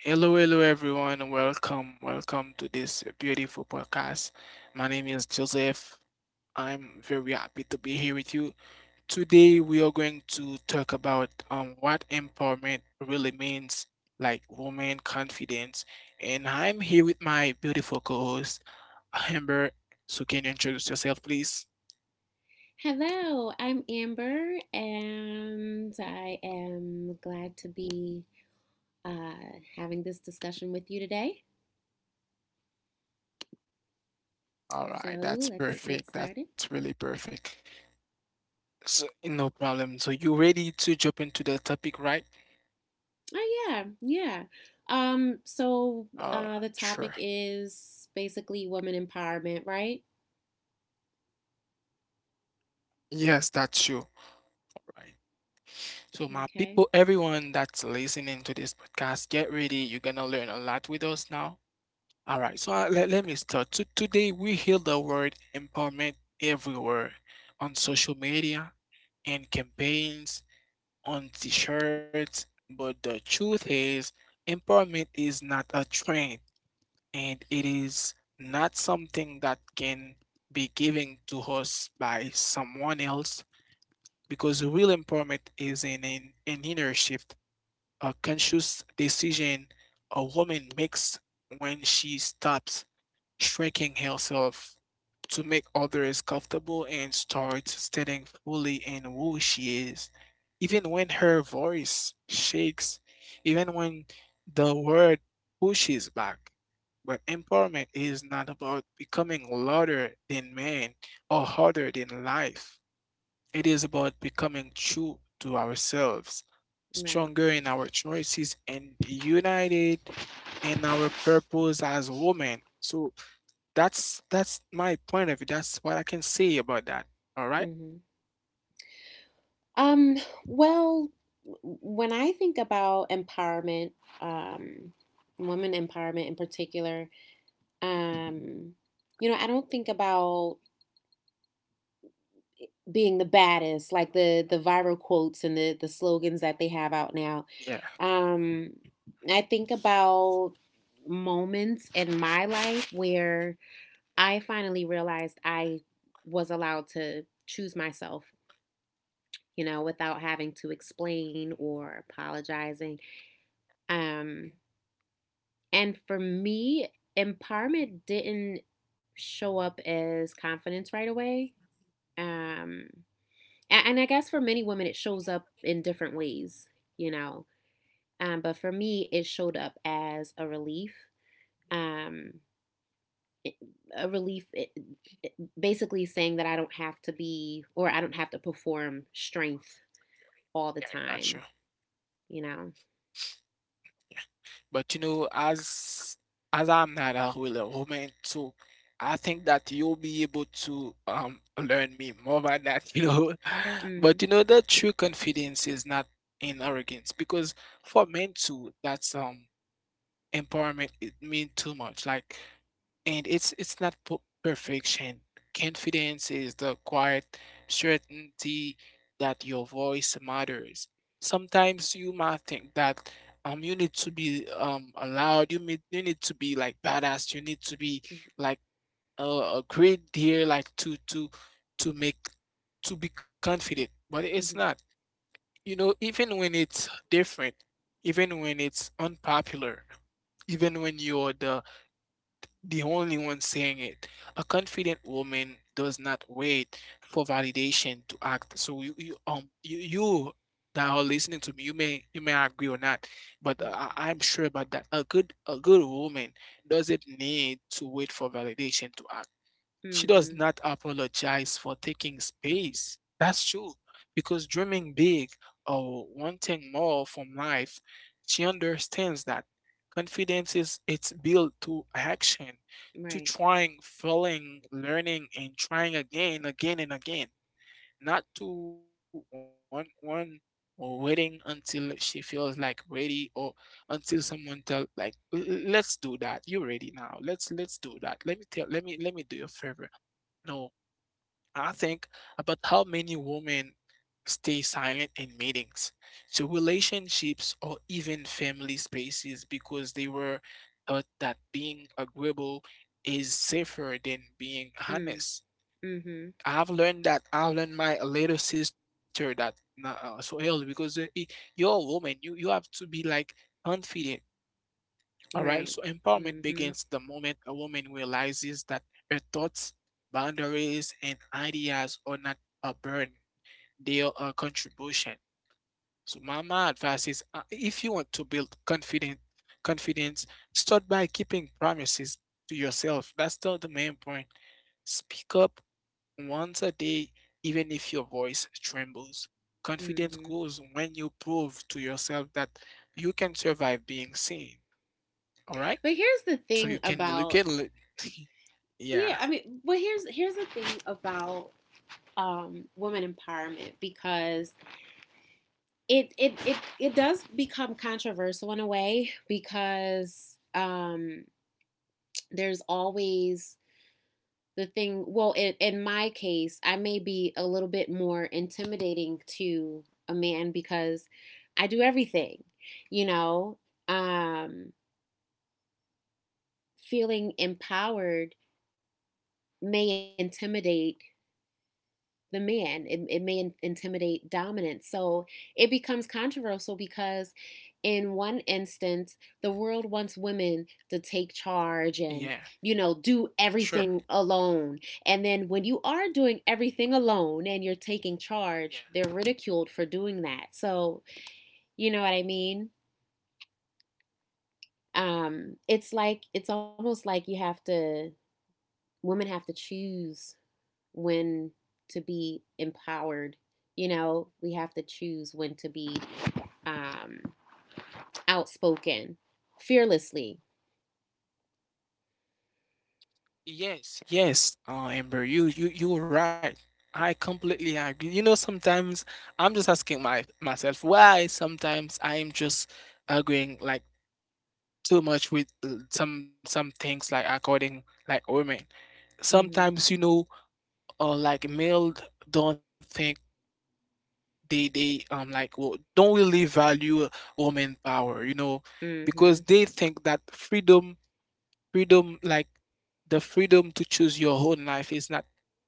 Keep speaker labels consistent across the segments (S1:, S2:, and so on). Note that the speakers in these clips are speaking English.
S1: Hello, hello everyone. Welcome, welcome to this beautiful podcast. My name is Joseph. I'm very happy to be here with you. Today we are going to talk about what empowerment really means, like woman confidence. And I'm here with my beautiful co-host, Amber. So can you introduce yourself, please?
S2: Hello, I'm Amber, and I am glad to be having this discussion with you today. So
S1: All right,
S2: let's
S1: that's
S2: get started.
S1: perfect. That's really perfect. So, no problem. So, you ready to jump into the topic, right?
S2: Oh, yeah, yeah. Um, so the
S1: Uh,
S2: topic
S1: sure.
S2: is basically women empowerment, right?
S1: Yes, that's you. Right. So, my people,
S2: Okay,
S1: everyone that's listening to this podcast, get ready. You're gonna learn a lot with us now. All right. So, let me start. So, today we hear the word empowerment everywhere, on social media, in campaigns, on t shirts. But the truth is, empowerment is not a trend, and it is not something that can be given to us by someone else, because real empowerment is an inner shift, a conscious decision a woman makes when she stops shrinking herself to make others comfortable, and starts standing fully in who she is, even when her voice shakes, even when the word pushes back. But empowerment is not about becoming louder than man or harder than life. It is about becoming true to ourselves,
S2: right,
S1: stronger
S2: right.
S1: in our choices, and united in our purpose as women. So that's my point of view. That's what I can say about that. All right?
S2: hmm Um, well, when I think about empowerment, um, women empowerment in particular, Um, you know, I don't think about being the baddest, like the viral quotes and the slogans that they have out now.
S1: Yeah.
S2: Um, I think about moments in my life where I finally realized I was allowed to choose myself, you know, without having to explain or apologizing. Um, and for me, empowerment didn't show up as confidence right away. Um, And I guess for many women, it shows up in different ways, you know. But for me, it showed up as um, a relief, it- basically saying that I don't have to be, or I don't have to perform strength all the
S1: Yeah,
S2: time,
S1: I got you.
S2: you know.
S1: But you know, as I'm not a real woman too, I think that you'll be able to learn me more about that, you know.
S2: Mm-hmm.
S1: But you know, the true confidence is not in arrogance, because for men too, that's empowerment it mean too much. Like and it's not perfection. Confidence is the quiet certainty that your voice matters. Sometimes you might think that you need to be allowed. You need to be like badass. You need to be
S2: Mm-hmm.
S1: like a great deal like to make to be confident. But it's not.
S2: Mm-hmm.
S1: You know, even when it's different, even when it's unpopular, even when you're the only one saying it. A confident woman does not wait for validation to act. So you that are listening to me, you may agree or not, but uh, I,
S2: Mm-hmm.
S1: I'm sure about that. A good woman doesn't need to wait for validation to act. She does
S2: Mm-hmm.
S1: not apologize for taking space. That's true. Because dreaming big or wanting more from life, she understands that confidence is it's built to action,
S2: Right.
S1: to trying, failing, learning, and trying again, again and again. Not to one or waiting until she feels like ready, or until someone tell like, Let's do that. You ready now. Let's do that. Let me tell let me do your favor." No, I think about how many women stay silent in meetings, to relationships, or even family spaces, because they were taught that being agreeable is safer than being
S2: Mm.
S1: honest.
S2: Mm-hmm.
S1: I've learned that. I've learned my little sister that nah, so hell because you're a woman, you have to be like confident. All right, so
S2: Right.
S1: empowerment
S2: Mm-hmm.
S1: begins the moment a woman realizes that her thoughts, boundaries, and ideas are not a burden, they are a contribution. So my advice is, if you want to build confident confidence, start by keeping promises to yourself. That's the main point. Speak up once a day, even if your voice trembles. Confidence
S2: Mm-hmm.
S1: grows when you prove to yourself that you can survive being seen. All right.
S2: But here's the
S1: So
S2: thing
S1: you can look
S2: about
S1: at it.
S2: Yeah,
S1: Yeah,
S2: I mean, well, here's the thing about women empowerment because it does become controversial in a way because there's always the thing, well, in my case, I may be a little bit more intimidating to a man because I do everything, you know. um Feeling empowered may intimidate the man. It may intimidate dominance. So it becomes controversial because, in one instance, the world wants women to take charge and,
S1: yeah,
S2: you know, do everything
S1: sure.
S2: alone. And then when you are doing everything alone and you're taking charge,
S1: Yeah.
S2: they're ridiculed for doing that. So, you know what I mean? It's like, it's almost like you have to, women have to choose when to be empowered. You know, we have to choose when to be um, outspoken, fearlessly.
S1: Yes, yes, Amber, you were right. I completely agree. You know, sometimes I'm just asking my myself why sometimes I am just agreeing like too much with some things like according like women.
S2: Mm-hmm.
S1: Sometimes you know, like male don't think they like well, don't really value woman power. You know, because
S2: Mm-hmm.
S1: they think that freedom like the freedom to choose your own life is not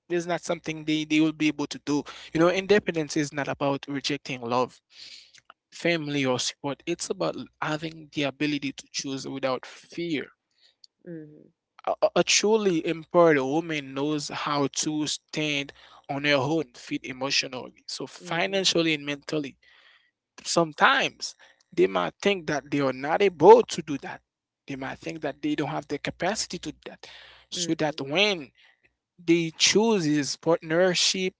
S1: is not something they will be able to do. You know, independence is not about rejecting love, family or support. It's about having the ability to choose without fear.
S2: Mm-hmm.
S1: A truly empowered woman knows how to stand on her own feet emotionally, so
S2: Mm-hmm.
S1: financially and mentally. Sometimes they might think that they are not able to do that, they might think that they don't have the capacity to do that, so that
S2: Mm-hmm.
S1: when they chooses partnership,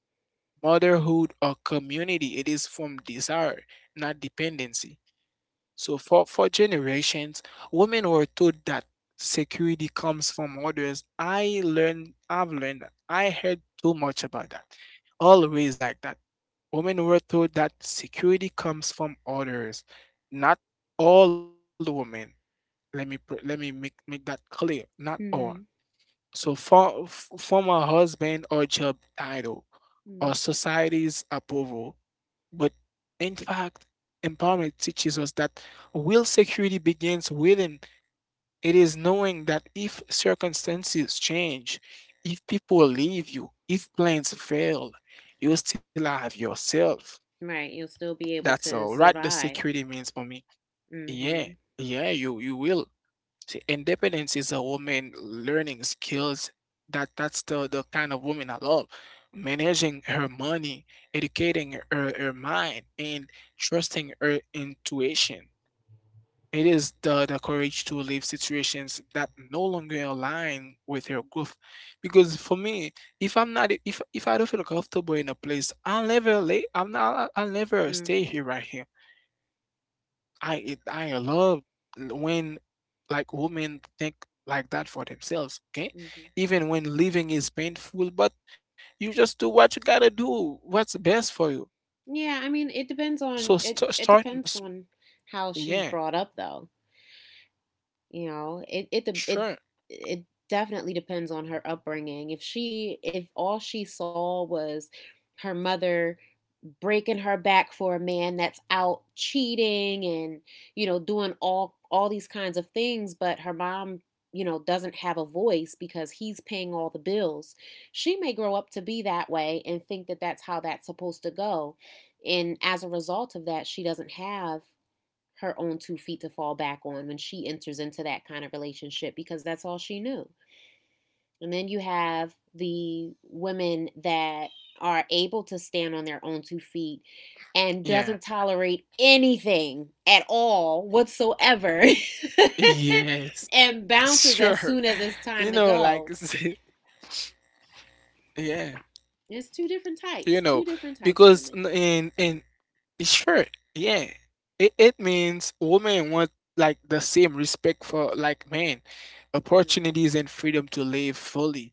S1: motherhood, or community, it is from desire, not dependency. So for generations, women were taught that security comes from others. I've learned that. I heard too much about that. Always like that. Women were taught that security comes from others, not all the women. Let me make, make that clear. Not all.
S2: Mm-hmm.
S1: So from a husband or job title
S2: Mm-hmm.
S1: or society's approval. But in fact, empowerment teaches us that real security begins within. It is knowing that if circumstances change, if people leave you, if plans fail, you still have yourself.
S2: Right. You'll still be able
S1: That's all
S2: to
S1: right. The
S2: survive.
S1: security means for me. Yeah,
S2: Mm-hmm.
S1: yeah, you will. See, independence is a woman learning skills, that that's the kind of woman I love. Managing her money, educating her mind, and trusting her intuition. It is the courage to leave situations that no longer align with your growth. Because for me, if I'm not if if I don't feel comfortable in a place, I'll never stay
S2: Mm-hmm.
S1: here right here. I love when like women think like that for themselves, okay?
S2: Mm-hmm.
S1: Even when living is painful, but you just do what you gotta do, what's best for you.
S2: Yeah, I mean, it depends on
S1: So
S2: it.
S1: st-
S2: It
S1: start,
S2: depends
S1: s-
S2: on how she's
S1: yeah,
S2: brought up, though. You know, it it it
S1: sure,
S2: it definitely depends on her upbringing. If she, if all she saw was her mother breaking her back for a man that's out cheating and, you know, doing all these kinds of things, but her mom, you know, doesn't have a voice because he's paying all the bills, she may grow up to be that way and think that that's how that's supposed to go. And as a result of that, she doesn't have her own two feet to fall back on when she enters into that kind of relationship because that's all she knew. And then you have the women that are able to stand on their own two feet and doesn't
S1: yeah,
S2: tolerate anything at all whatsoever
S1: yes,
S2: and bounces as
S1: sure.
S2: soon as it's
S1: You
S2: time to
S1: know, like,
S2: go.
S1: yeah,
S2: It's two different types,
S1: you
S2: two
S1: know,
S2: different type of
S1: because
S2: women.
S1: in sure. Yeah. It means women want like the same respect for like men,
S2: Mm,
S1: opportunities and freedom to live fully.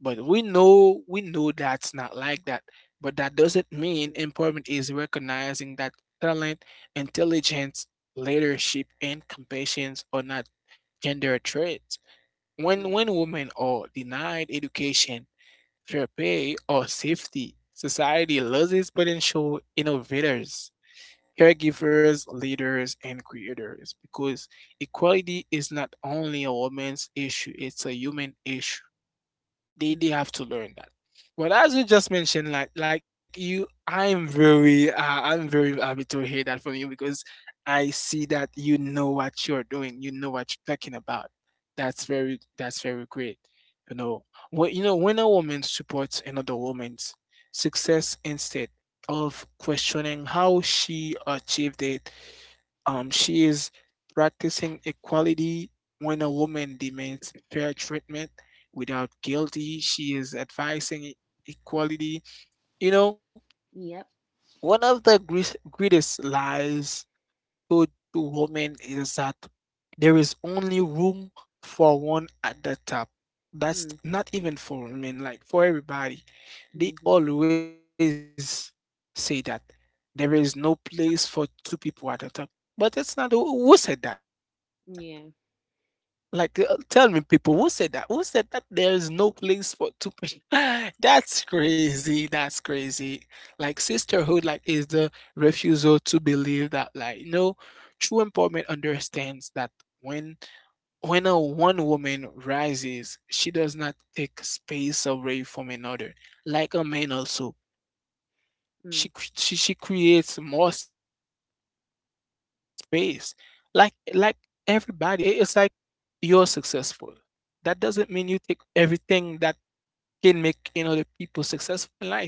S1: But we know that's not like that. But that doesn't
S2: mm,
S1: mean empowerment is recognizing that talent, intelligence, leadership, and compassion are not gender traits.
S2: mm,
S1: When women are denied education, fair pay, or safety, society loses potential innovators, caregivers, leaders, and creators, because equality is not only a woman's issue, it's a human issue. They
S2: mm.
S1: they have to learn that. But as you just mentioned, like you, I'm very happy to hear that from you because I see that you know what you're doing, you know what you're talking about. That's very great. You know, well, you know when a woman supports another woman's success instead of questioning how she achieved it, she is practicing equality. When a woman demands fair treatment without guilty, she is advising equality. You know,
S2: Yep.
S1: one of the greatest lies told to women is that there is only room for one at the top.
S2: Mm,
S1: That's not even for women, like for everybody.
S2: mm-hmm.
S1: They always say that there is no place for two people at the top. But it's not. Who said that?
S2: Yeah.
S1: Like, tell me, people, who said that? Who said that there is no place for two person? That's crazy. That's crazy. Like, sisterhood, like, is the refusal to believe that, like, you know, true empowerment understands that when when a one woman rises, she does not take space away from another. Like a man, also, she
S2: Mm,
S1: cr- she she creates more space. Like everybody, like it's like you're successful. That doesn't mean you take everything that can make you know the people successful in life.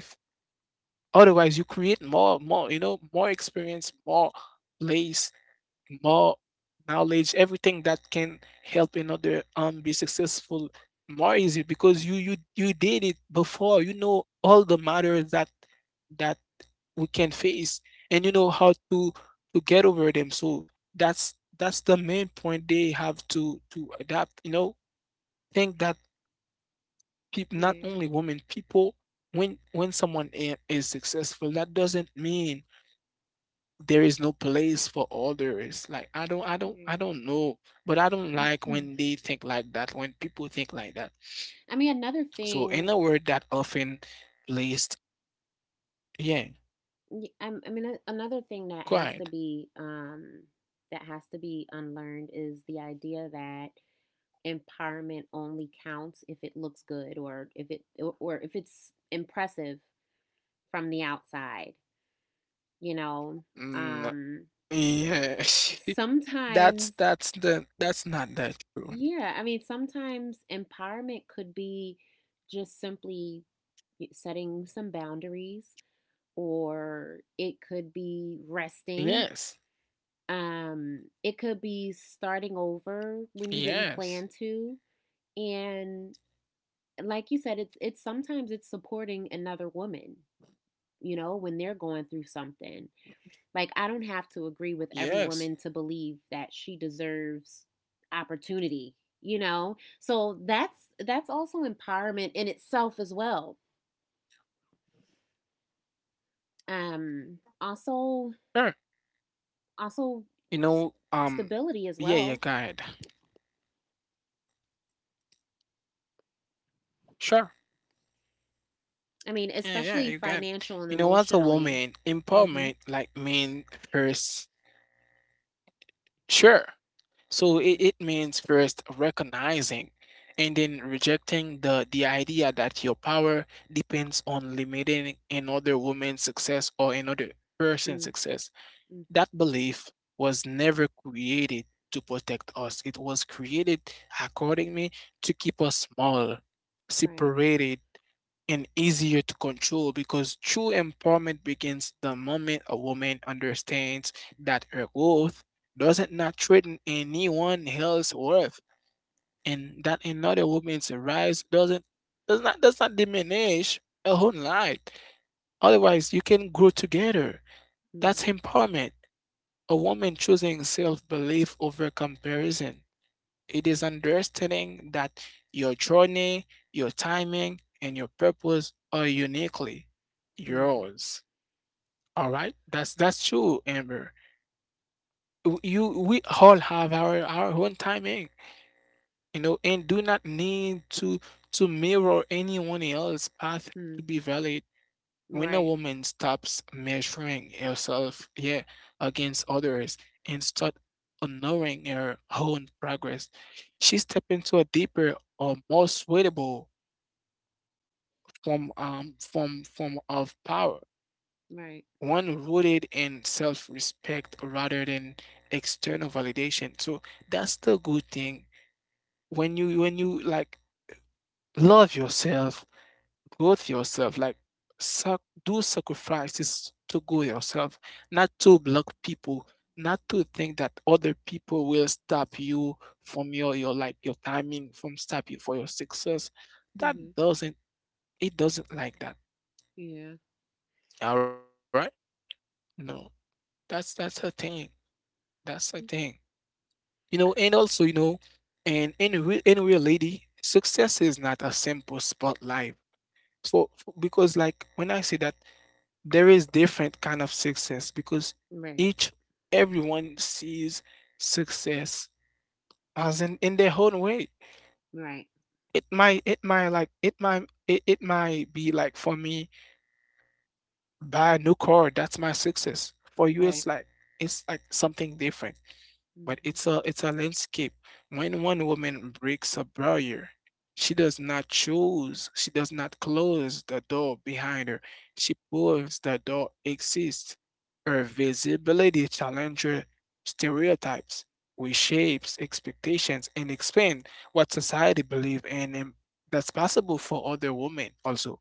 S1: Otherwise, you create more, you know, more experience, more place, more knowledge, everything that can help another be successful more easy, because you did it before. You know all the matters that that we can face and you know how to get over them. So that's the main point, they have to adapt, you know. Think that people, not
S2: yeah.
S1: only women, people, when someone is successful, that doesn't mean there is no place for others. Like I
S2: Yeah.
S1: don't know, but I don't like when they think like that, when people think like that.
S2: I mean, another
S1: So in a
S2: thing.
S1: word that often placed, yeah,
S2: I mean, another thing that has to
S1: quiet,
S2: be unlearned is the idea that empowerment only counts if it looks good, or if it, or if it's impressive from the outside. You know,
S1: mm,
S2: um,
S1: yeah
S2: sometimes,
S1: that's the that's not that true.
S2: yeah. I mean, sometimes empowerment could be just simply setting some boundaries, or it could be resting.
S1: Yes.
S2: It could be starting over when you
S1: Yes.
S2: didn't plan to. And like you said, it's sometimes it's supporting another woman, you know, when they're going through something. Like, I don't have to agree
S1: Yes.
S2: with every woman to believe that she deserves opportunity, you know. So that's also empowerment in itself as well. Also
S1: Sure.
S2: also
S1: You know, um,
S2: stability
S1: yeah,
S2: as
S1: yeah, go
S2: well.
S1: ahead. Sure.
S2: I mean,
S1: Yeah, yeah,
S2: especially
S1: you got it.
S2: financial and
S1: You know, as a
S2: emotionally.
S1: woman,
S2: Mhm.
S1: empowerment like mean first, sure. So
S2: Mhm.
S1: it means first recognizing and then rejecting the idea that your power depends on limiting another woman's success or another person's
S2: Mm,
S1: success.
S2: mhm.
S1: That belief was never created to protect us. It was created, accordingly, to keep us small,
S2: Right.
S1: separated, and easier to control because true empowerment begins the moment a woman understands that her worth doesn't not threaten anyone else's worth and that another woman's rise doesn't does not diminish her own light. Otherwise you can grow together.
S2: Mm,
S1: That's empowerment. A woman choosing self belief over comparison. It is understanding that your journey, your timing, and your purpose are uniquely
S2: mhm.
S1: yours. All right, that's true, Amber. W- You, we all have our own timing, you know, and do not need to mirror anyone else's path to
S2: Mhm.
S1: be valid. When a
S2: Right.
S1: woman stops measuring herself, yeah, against others and start honoring her own progress, she step into a deeper or more suitable form form of power,
S2: Right.
S1: one rooted in self-respect rather than external validation. So that's the good thing. When you like love yourself growth yourself, like sac- do sacrifices to grow yourself, not to block people, not to think that other people will stop you from your like your timing, from stop you for your success.
S2: Mhm.
S1: That doesn't it doesn't like that.
S2: Yeah.
S1: All right? No, that's a thing. That's a thing. You know, and also you know, and in real lady, success is not a simple spotlight. So because like when I say that there is different kind of success because
S2: Right.
S1: each everyone sees success as in their own way.
S2: Right.
S1: It might like it might be like for me buy a new car. That's my success. For you
S2: Right.
S1: it's like something different, but
S2: Mhm.
S1: it's a landscape. When one woman breaks a barrier, she does not choose, she does not close the door behind her. She proves the door exists. Her visibility challenges stereotypes, reshapes expectations, and expands what society believes and that's possible for other women also.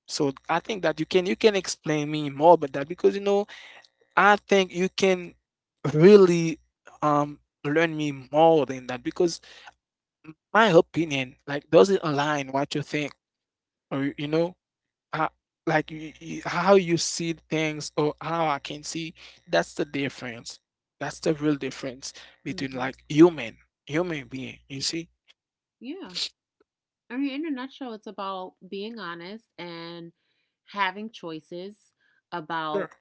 S1: So I think that you can explain me more about that because you know I think you can really um learn me more than that because my opinion like doesn't align what you think or you know how, like how you see things or how I can see. That's the difference. That's the real difference between
S2: Mhm.
S1: like human being. You see?
S2: Yeah. I mean, in a nutshell, it's about being honest and having choices about
S1: Sure.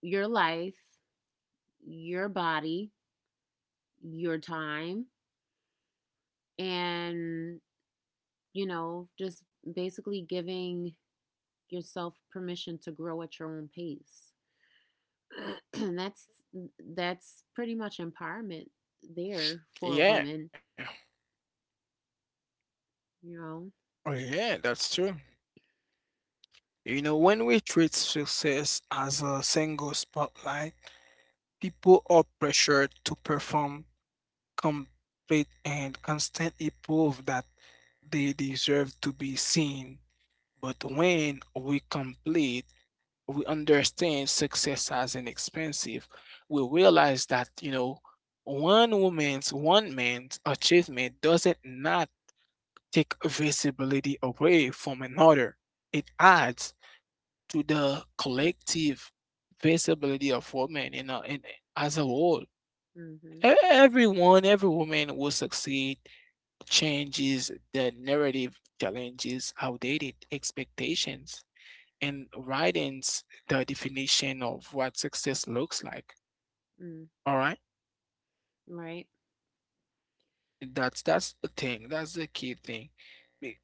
S2: your life, your body, your time, and, you know, just basically giving yourself permission to grow at your own pace. And that's pretty much empowerment there for
S1: Yeah.
S2: women, you
S1: Oh,
S2: know.
S1: yeah, that's true. You know, when we treat success as a single spotlight, people are pressured to perform complete and constantly prove that they deserve to be seen. But when we complete, we understand success as inexpensive. We realize that, you know, one woman's, one man's achievement doesn't not take visibility away from another. It adds to the collective visibility of women in as a whole.
S2: Mhm.
S1: Everyone, every woman will succeed changes the narrative, challenges outdated expectations, and widens the definition of what success looks like.
S2: Mm,
S1: All right,
S2: right.
S1: that's the thing. That's the key thing.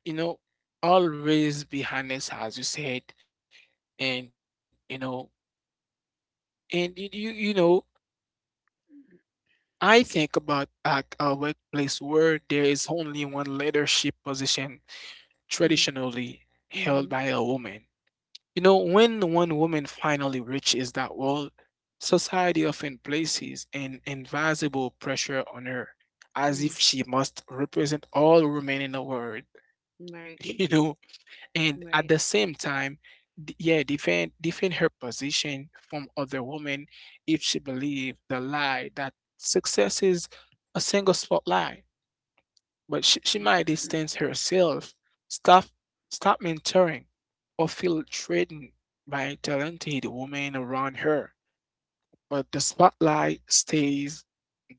S1: You know, always be honest, as you said, and you know, and you know. I think about like a workplace where there is only one leadership position
S2: Mm,
S1: traditionally held
S2: mhm.
S1: by a woman. You know, when one woman finally reaches that wall, society often places an invisible pressure on her, as
S2: Mm,
S1: if she must represent all women in the world,
S2: right.
S1: you know, and
S2: Right.
S1: at the same time, defend her position from other women if she believes the lie that success is a single spotlight. But she might distance herself, stop mentoring, or feel threatened by talented women around her. But the spotlight stays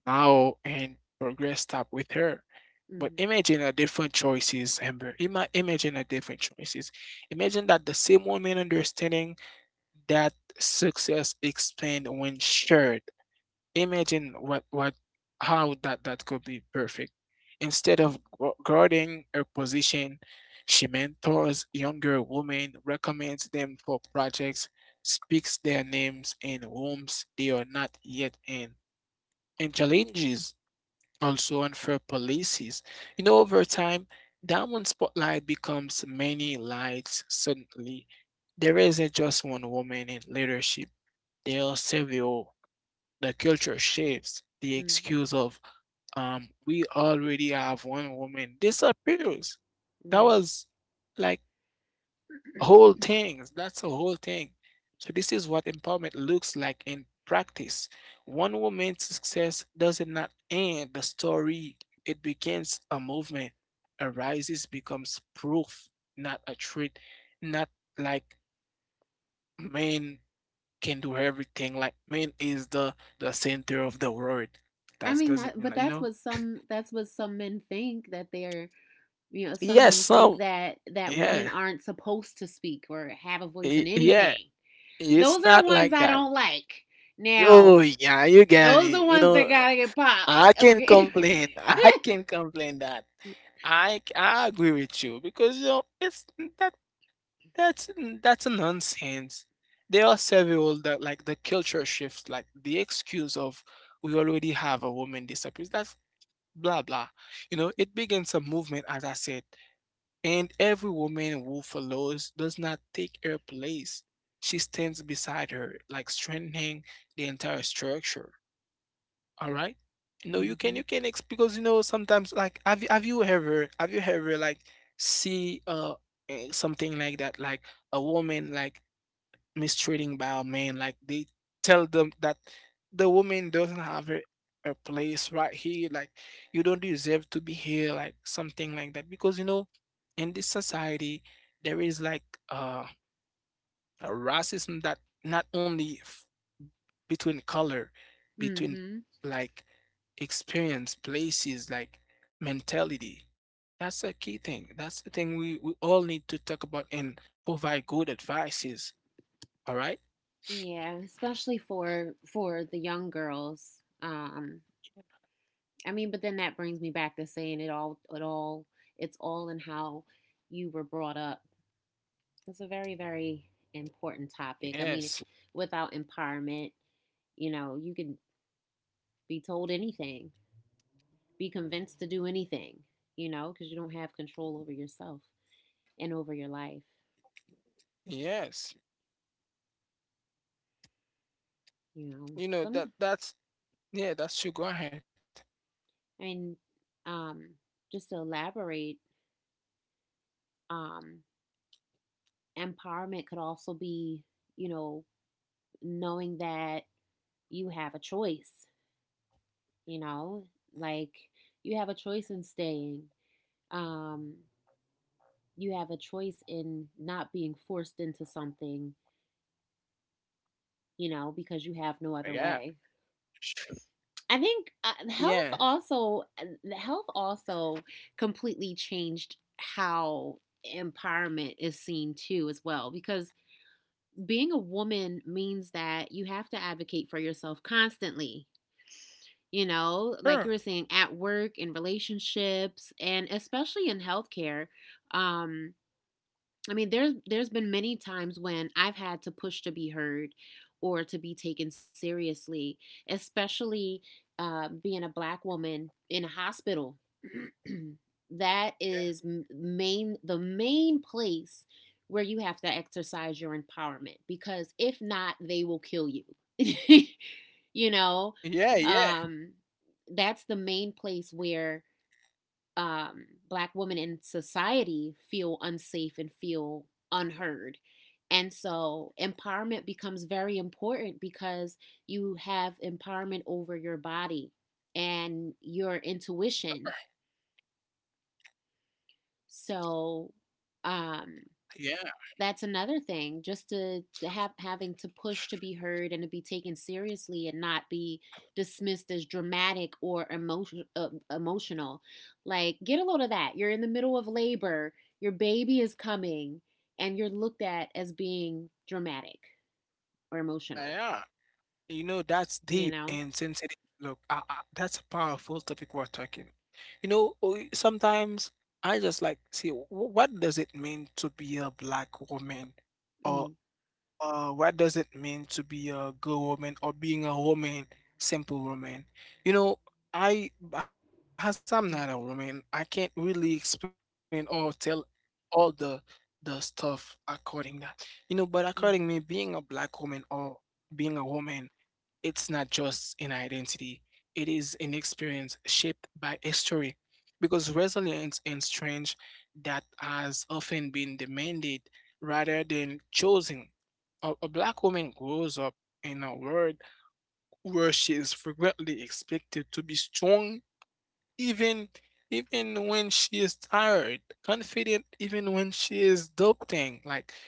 S1: now and progress stop with her. But
S2: Mhm.
S1: imagine a different choices, Amber. Imagine a different choices. Imagine that the same woman understanding that success explained when shared. Imagine what how that could be perfect. Instead of guarding her position, she mentors younger women, recommends them for projects, speaks their names in rooms they are not yet in, and challenges also unfair policies. You know, over time, that one spotlight becomes many lights suddenly. There isn't just one woman in leadership. There are several. The culture shifts, the
S2: Mhm.
S1: excuse of we already have one woman disappears. That
S2: Right.
S1: was like whole things. That's a whole thing. So this is what empowerment looks like in practice. One woman's success does not end the story. It begins a movement, arises, becomes proof, not a treat, not like men can do everything. Like man is the center of the world.
S2: I
S1: That
S2: mean, that
S1: doesn't
S2: but
S1: mean like you know.
S2: that's what some men think, that they're, you know, some
S1: Yes,
S2: men think
S1: some.
S2: that that
S1: Yeah,
S2: women aren't supposed to speak or have a voice in
S1: yeah.
S2: anything.
S1: It's
S2: Those are the
S1: not
S2: ones
S1: like
S2: I
S1: that.
S2: don't like
S1: Oh
S2: now.
S1: yeah, you get
S2: Those are
S1: me.
S2: the
S1: You
S2: ones that
S1: know,
S2: gotta get popped,
S1: I can
S2: okay.
S1: complain. I can complain that. I agree with you because you know it's that that's that's nonsense. There are several that like the culture shifts, like the excuse of we already have a woman disappears. That's blah blah. You know, it begins a movement, as I said, and every woman who follows does not take her place. She stands beside her, like strengthening the entire structure. All right. You know, you can you
S2: Mhm.
S1: can ex because you know sometimes like have you ever like see something like that like a woman like mistreating by a man. Like they tell them that the woman doesn't have a place right here. Like you don't deserve to be here. Like something like that. Because you know, in this society, there is like uh, a racism that not only between color, between
S2: Mhm.
S1: like experience, places, like mentality. That's a key thing. That's the thing we all need to talk about and provide good advices. All right.
S2: Yeah, especially for the young girls. I mean, but then that brings me back to saying it all, it's all in how you were brought up. It's a very, very important topic. I mean, if,
S1: Yes.
S2: without empowerment, you know, you can be told anything, be convinced to do anything, you know, because you don't have control over yourself and over your life.
S1: Yes,
S2: You know,
S1: you know
S2: some,
S1: that that's yeah, that's true. Go ahead.
S2: I mean, um, just to elaborate, um, empowerment could also be, you know, knowing that you have a choice, you know, like, you have a choice in staying, um you have a choice in not being forced into something, you know, because you have
S1: Yeah,
S2: no other way.
S1: Sh-
S2: I think
S1: yeah,
S2: Health also, health also completely changed how empowerment is seen too as well, because being a woman means that you have to advocate for yourself constantly, you
S1: sure.
S2: know, like you were saying, at work, in relationships, and especially in healthcare. Um, I mean, there's been many times when I've had to push to be heard or to be taken seriously, especially being a black woman in a hospital. That is main the main place where you have to exercise your empowerment because if not, they will kill you. You know,
S1: Yeah, yeah, yeah,
S2: um, that's the main place where black women in society feel unsafe and feel unheard. And so empowerment becomes very important because you have empowerment over your body and your intuition. So,
S1: yeah.
S2: um, that's another thing, just to have having to push to be heard and to be taken seriously and not be dismissed as dramatic or emotional. Like, get a load of that, you're in the middle of labor, your baby is coming, and you're looked at as being dramatic or emotional,
S1: Yeah, you know, that's deep
S2: you know.
S1: and sensitive. Look, that's a powerful topic we're talking. You know, sometimes I just like see what does it mean to be a black woman, or
S2: Mm-hmm.
S1: what does it mean to be a girl woman, or being a woman, simple woman. You know, I as I'm not a woman, I can't really explain or tell all the stuff according that. You know, but according me, being a
S2: Mm-hmm.
S1: black woman or being a woman it's not just an identity, it is an experience shaped by history, because resilience and strength that has often been demanded rather than chosen. A black woman grows up in a world where she is frequently expected to be strong even when she is tired, confident even when she is doubting, like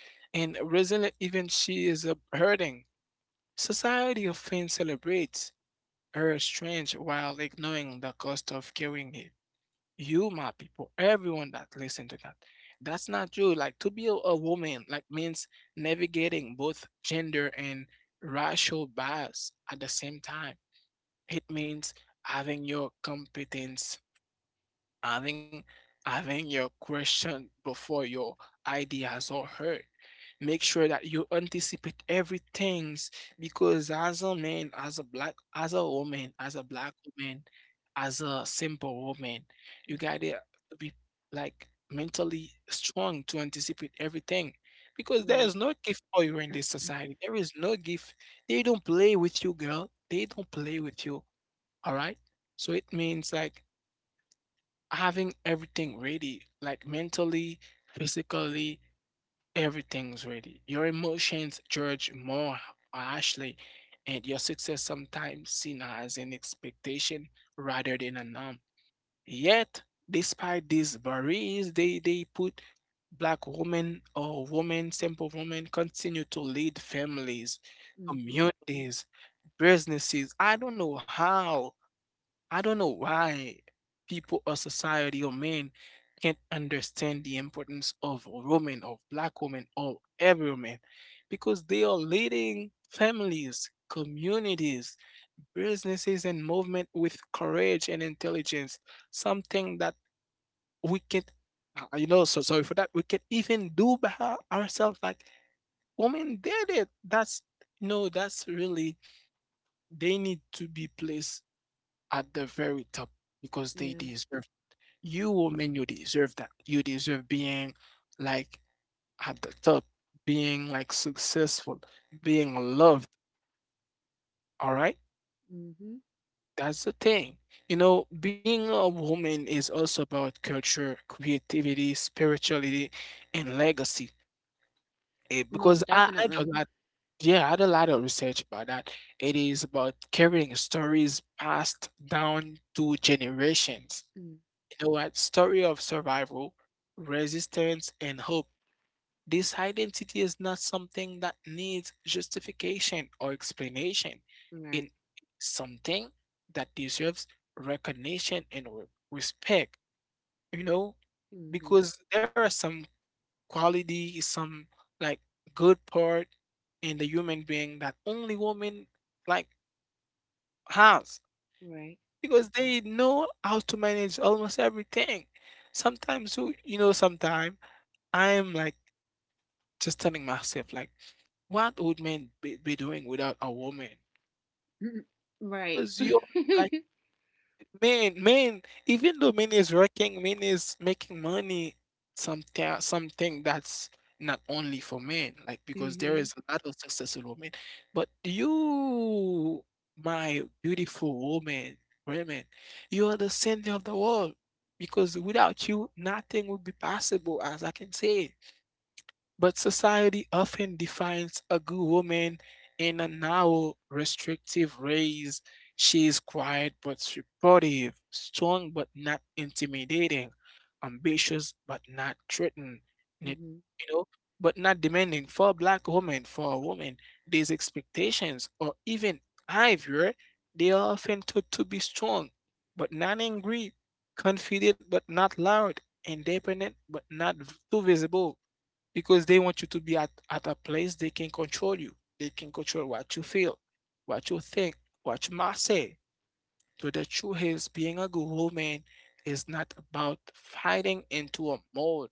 S1: and resilient even she is hurting. Society often celebrates her strength while ignoring the cost of carrying it. You, my people, everyone that listen to that. That's not true. Like to be a woman, like means navigating both gender and racial bias at the same time. It means having your competence. Having your question before your ideas are heard. Make sure that you anticipate everything because as a man, as a black, as a woman, as a black woman, as a simple woman, you
S2: Mm-hmm.
S1: gotta be like mentally strong to anticipate everything. Because there is
S2: Right.
S1: no gift for you in this society. There is no gift. They don't play with you, girl. They don't play with you. All right. So it means like having everything ready, like mentally, physically, everything's ready. Your emotions judge more harshly, and your success sometimes seen as an expectation rather than a norm. Yet, despite these barriers, they put black women or women, simple women, continue to lead families,
S2: Mm-hmm.
S1: communities, businesses. I don't know how. I don't know why people or society or men can't understand the importance of women, of black women, or every woman, because they are leading families, communities, businesses, and movement with courage and intelligence. Something that we can't, you know, so sorry for that. We can even do by ourselves. Like women did it. That's no, that's really they need to be placed at the very top because they
S2: Yeah.
S1: deserve. You woman, you deserve that. You deserve being like at the top, being like successful, being loved. All right,
S2: Mm-hmm.
S1: that's the thing. You know being a woman is also about culture, creativity, spirituality, and legacy. Eh, because
S2: Most
S1: I do a
S2: definitely.
S1: lot, yeah I do a lot of research about that. It is about carrying stories passed down to generations,
S2: Mm,
S1: you know what, story of survival, resistance and hope. This identity is not something that needs justification or explanation.
S2: right.
S1: It's something that deserves recognition and respect, you know,
S2: Mm-hmm.
S1: because there are some quality, some like good part in the human being that only women like has
S2: Right.
S1: because they know how to manage almost everything. Sometimes, you know, sometimes I'm like just telling myself, like, what would men be doing without a woman?
S2: Mm-hmm. Right.
S1: Because you're like men, even though men is working, men is making money, something that's not only for men, like because there
S2: Mm-hmm.
S1: is a lot of successful women. But you, my beautiful woman, women, you are the center of the world. Because without you, nothing would be possible, as I can say. But society often defines a good woman in a narrow, restrictive ways. She is quiet but supportive, strong but not intimidating, ambitious but not threatening, you
S2: Mm-hmm.
S1: know, but not demanding. For a black woman, for a woman, these expectations or even behavior, they are often taught to be strong but not angry, confident but not loud, independent but not too visible because they want you to be at a place they can control you. They can control what you feel, what you think, what you must say. So the truth is, being a good woman is not about fighting into a mold.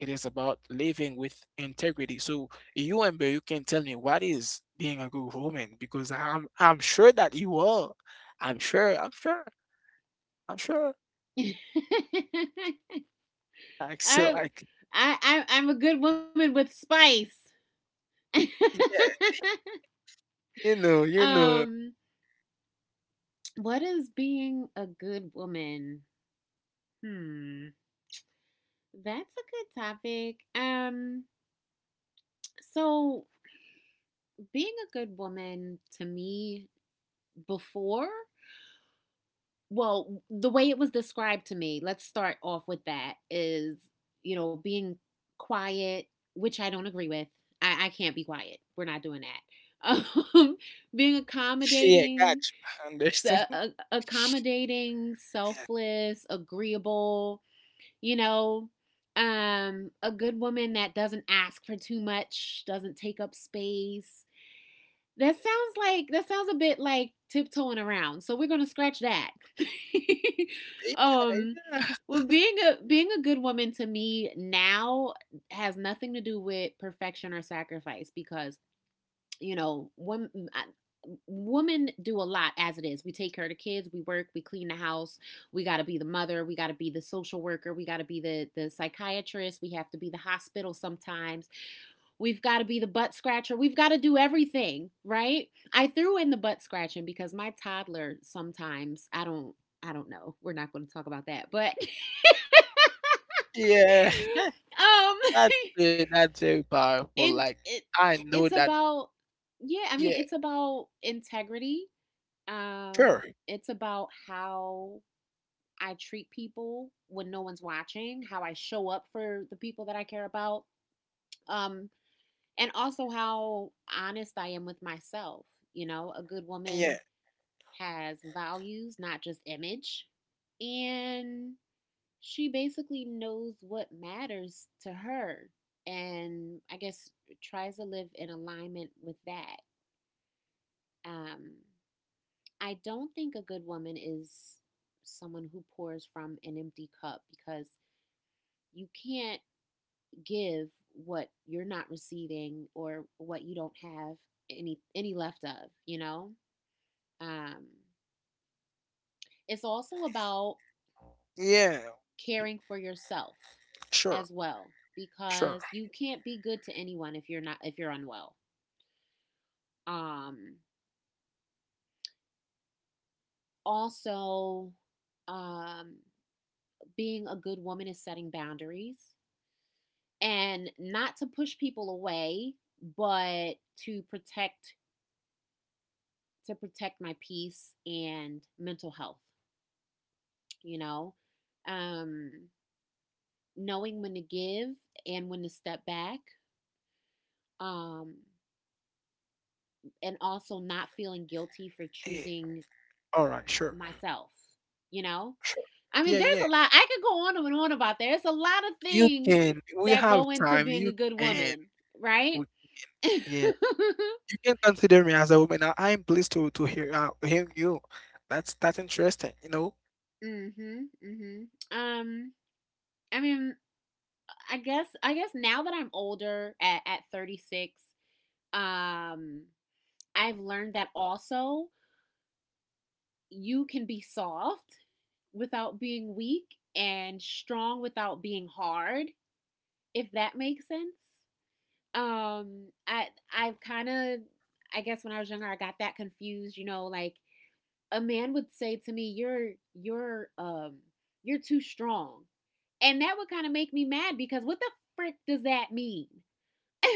S1: It is about living with integrity. So you and Bear, you can tell me what is being a good woman because I'm sure that you are. I'm sure. I'm sure. I'm sure. Like so,
S2: I,
S1: like
S2: I'm a good woman with spice.
S1: yeah, you know.
S2: um, what is being a good woman? Hmm, that's a good topic. So, being a good woman to me before, well, the way it was described to me, let's start off with that, is, you know, being quiet, which I don't agree with. I can't be quiet. We're not doing that. Um, being
S1: Yeah, got
S2: accommodating,
S1: you. Understand?
S2: accommodating,
S1: Yeah.
S2: selfless, agreeable, you know, a good woman that doesn't ask for too much, doesn't take up space, that sounds like, that sounds a bit like tiptoeing around. So we're gonna scratch that.
S1: Yeah,
S2: um
S1: yeah,
S2: well, being a, being a good woman to me now has nothing to do with perfection or sacrifice, because, you know, women do a lot. As it is, we take care of the kids, we work, we clean the house, we got to be the mother, we got to be the social worker, we got to be the psychiatrist, we have to be the hospital sometimes. We've got to be the butt scratcher. We've got to do everything, right? I threw in the butt scratching because my toddler sometimes, I don't know. We're not going to talk about that. But
S1: yeah.
S2: um
S1: That's it. That's very powerful. Like
S2: it
S1: I know
S2: it's
S1: that.
S2: about, yeah, I mean,
S1: Yeah,
S2: it's about integrity. Um
S1: sure.
S2: it's about how I treat people when no one's watching, how I show up for the people that I care about. Um and also how honest I am with myself. You know, a good
S1: Yeah,
S2: woman has values, not just image. And she basically knows what matters to her, and I guess tries to live in alignment with that. Um, I don't think a good woman is someone who pours from an empty cup, because you can't give what you're not receiving, or what you don't have any left of, you know? Um it's also about
S1: yeah,
S2: caring for yourself
S1: sure,
S2: as well,
S1: sure.
S2: because you can't be good to anyone if you're not, if you're unwell. Um also um being a good woman is setting boundaries, and not to push people away, but to protect, to protect my peace and mental health. You know, um, knowing when to give and when to step back, um, and also not feeling guilty for
S1: Yeah.
S2: choosing
S1: All right, sure,
S2: myself, you know?
S1: sure.
S2: I mean,
S1: Yeah,
S2: there's
S1: yeah.
S2: a lot, I could go on and on about there. There's a lot of
S1: You
S2: things
S1: can. We
S2: that
S1: have
S2: go into
S1: time.
S2: being
S1: You
S2: a good
S1: can.
S2: woman, right?
S1: We, yeah,
S2: Mm-hmm,
S1: you can consider me as a woman. I'm pleased to hear hear you. That's interesting. You know.
S2: mm-hmm. Um, I mean, I guess now that I'm older at 36, um, I've learned that also you can be soft without being weak and strong without being hard, if that makes sense. Um, I I've kind of I guess when I was younger I got that confused, like a man would say to me, "You're you're you're too strong," and that would kind of make me mad because what the frick does that mean?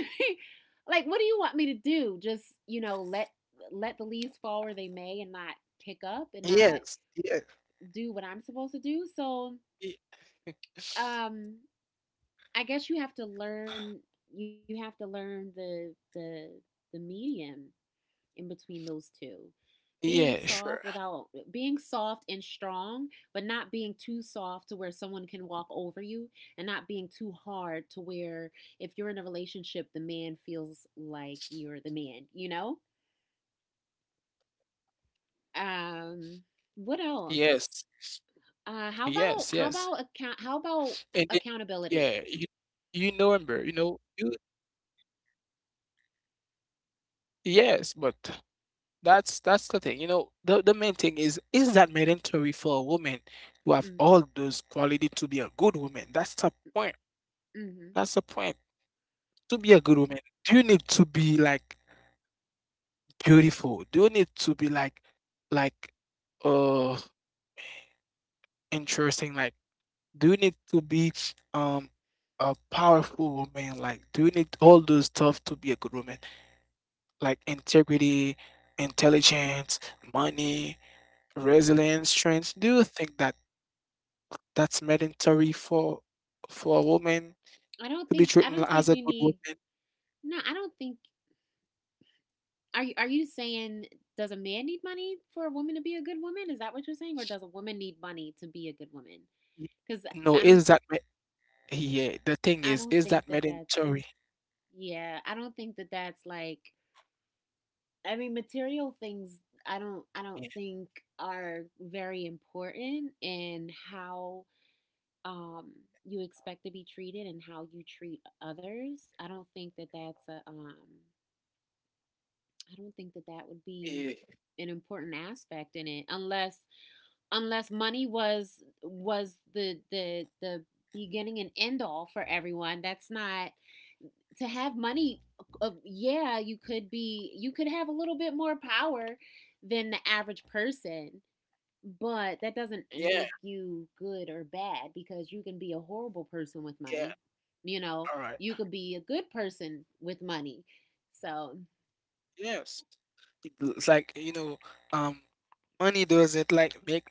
S2: Like, what do you want me to do? Just let let the leaves fall where they may and not pick up and not
S1: Yes. Yes.
S2: do what I'm supposed to do. So
S1: y-
S2: um I guess you have to learn you have to learn the the medium in between those two. Being soft without
S1: Yeah.
S2: being
S1: Sure.
S2: soft and strong, but not being too soft to where someone can walk over you and not being too hard to where if you're in a relationship the man feels like you're the man, you know?
S1: Yes.
S2: Um what else?
S1: Yes. Yes.
S2: How about how about
S1: And then
S2: account how about
S1: yeah, you
S2: accountability?
S1: November, you know, you yes, but that's the thing. You know, the main thing is that mandatory for a woman to have
S2: Mm.
S1: all those quality to be a good woman? That's the point.
S2: Mhm,
S1: That's the point. To be a good woman, do you need to be like beautiful? Do you need to be like like uh interesting? Like do you need to be um a powerful woman? Like do you need all those stuff to be a good woman? Like integrity, intelligence, money,
S2: mhm.
S1: resilience, strength. Do you think that that's mandatory for a woman to be
S2: I
S1: treated
S2: don't think
S1: as a
S2: you
S1: good
S2: need.
S1: woman?
S2: No, I don't think. Are you saying, does a man need money for a woman to be a good woman? Is that what you're saying? Or does a woman need money to be a good woman?
S1: Y-
S2: Because I
S1: No,
S2: don't
S1: is that yeah? The thing
S2: I don't
S1: is
S2: think
S1: that
S2: that that's.
S1: mandatory?
S2: Yeah, I don't think that that's like. I mean, material things, I don't
S1: Yeah,
S2: think are very important in how um you expect to be treated and how you treat others. I don't think that that's a I don't think that that would be
S1: yeah,
S2: an important aspect in it unless unless money was the beginning and end all for everyone. That's not to have money. Yeah, you could be, you could have a little bit more power than the average person, but that doesn't
S1: yeah.
S2: make you good or bad because you can be a horrible person with
S1: Yeah,
S2: money, you know.
S1: all right.
S2: You could be a good person with money, so.
S1: Yes. It's like you know, um, money doesn't like make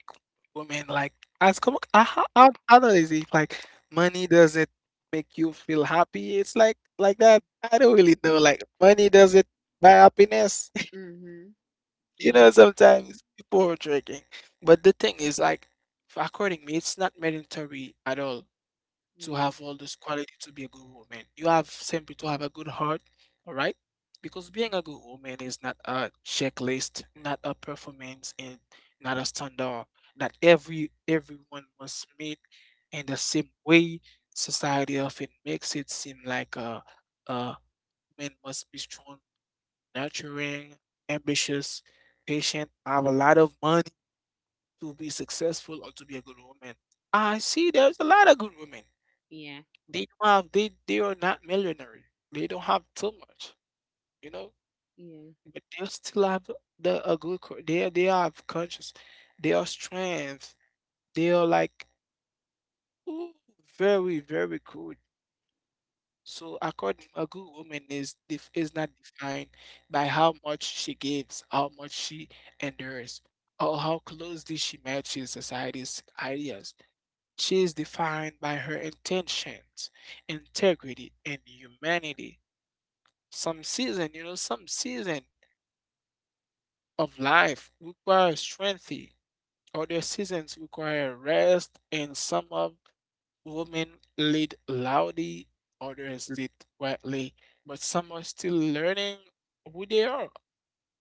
S1: women like as come how that is it like money doesn't make you feel happy it's like that. I don't really know, like money doesn't buy happiness.
S2: Mm-hmm.
S1: You know,
S2: Yep.
S1: sometimes people are drinking but the thing is like according me it's not mandatory at all to
S2: Yeah.
S1: have all this quality to be a good woman. You have simply to have a good heart, all right? Because being a good woman is not a checklist, not a performance, and not a standard that everyone must meet in the same way. Society often makes it seem like a man must be strong, nurturing, ambitious, patient, have a lot of money to be successful or to be a good woman. I see there's a lot of good women
S2: Yeah.
S1: they don't have they are not millionaire. They don't have too much, you know,
S2: Yeah.
S1: but they still have the they have conscious, they are strength, they are like ooh, very very good. So according a good woman is not defined by how much she gives, how much she endures, or how closely she matches society's ideas. She is defined by her intentions, integrity, and humanity. Some season, you know, some season of life require strength. Other seasons require rest, and some of women lead loudly, others lead quietly, but some are still learning who they are.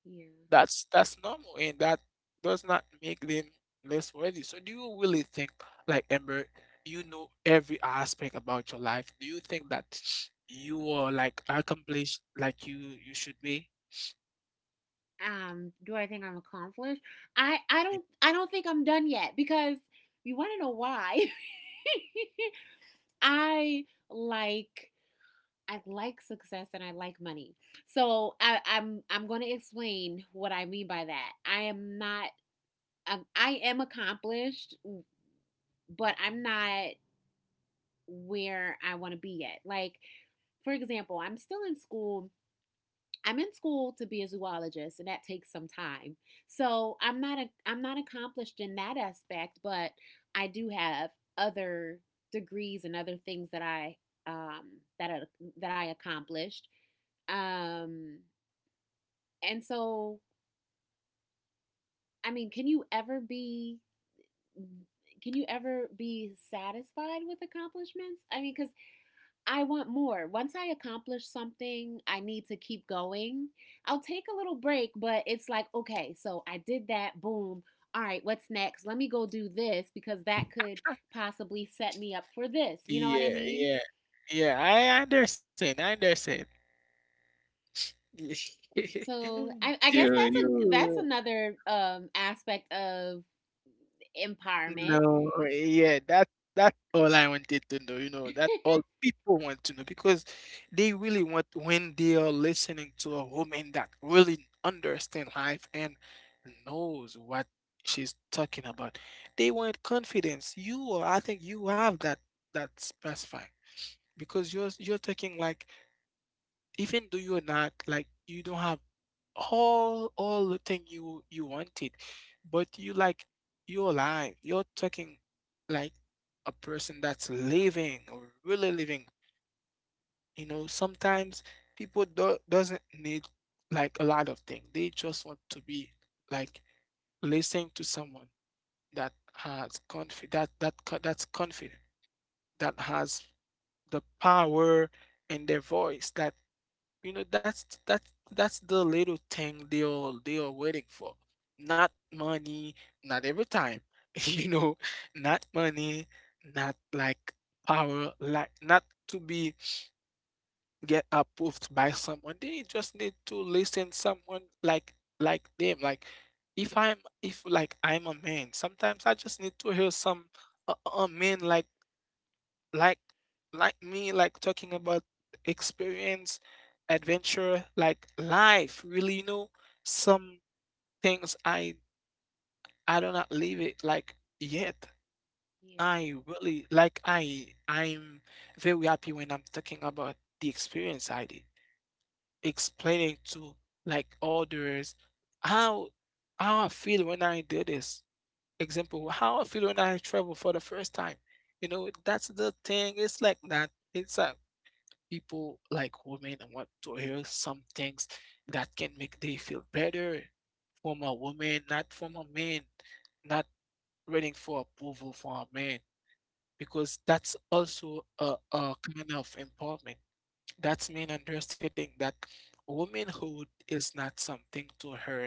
S2: Yeah.
S1: That's normal, and that does not make them less worthy. So, do you really think, like Amber, you know every aspect about your life? Do you think that you are like accomplished, like you should be?
S2: Do I think I'm accomplished? I
S1: Yeah.
S2: don't think I'm done yet because you want to know why? I like I like success and I like money. So I'm going to explain what I mean by that. I am not I am accomplished, but I'm not where I want to be yet. Like, for example, I'm still in school. I'm in school to be a zoologist and that takes some time. So I'm not accomplished in that aspect, but I do have other degrees and other things that I um that I, that I accomplished. Um and so, I mean, can you ever be satisfied with accomplishments? I mean, cuz I want more. Once I accomplish something, I need to keep going. I'll take a little break, but it's like, okay, so I did that, boom. All right, what's next? Let me go do this because that could possibly set me up for this. You know what I
S1: Yeah,
S2: mean?
S1: yeah, yeah. I understand. I understand.
S2: So
S1: You,
S2: I guess that's a that's
S1: you.
S2: another aspect of empowerment.
S1: No, yeah. That's all I wanted to know. You know,
S2: Yeah.
S1: that's all people want to know because they really want when they are listening to a woman that really understand life and knows what she's talking about. They want confidence. You are. I think you have that that specify because you're talking like even though you're not like you don't have all the thing you wanted but you like you're alive, you're talking like a person that's living or really living. You know, sometimes people doesn't need like a lot of things. They just want to be like listening to someone that has confi that's confident, that has the power in their voice that. You know, that's that's the little thing they are waiting for. Not money, not every time. You know, not money, not like power, like not to be get approved by someone. They just need to listen someone like them. Like if I'm if like I'm a man, sometimes I just need to hear some a man like like like me like talking about experience, adventure, like life really. You know, some things I do not live it like yet. I really like I'm very happy when I'm talking about the experience I did, explaining to like others how I feel when I do this example, how I feel when I travel for the first time. You know, that's the thing. It's like that. It's people like women want to hear some things that can make they feel better from a woman, not from a man, not waiting for approval from a man, because that's also a kind of empowerment. That's mean understanding that womanhood is not something to earn.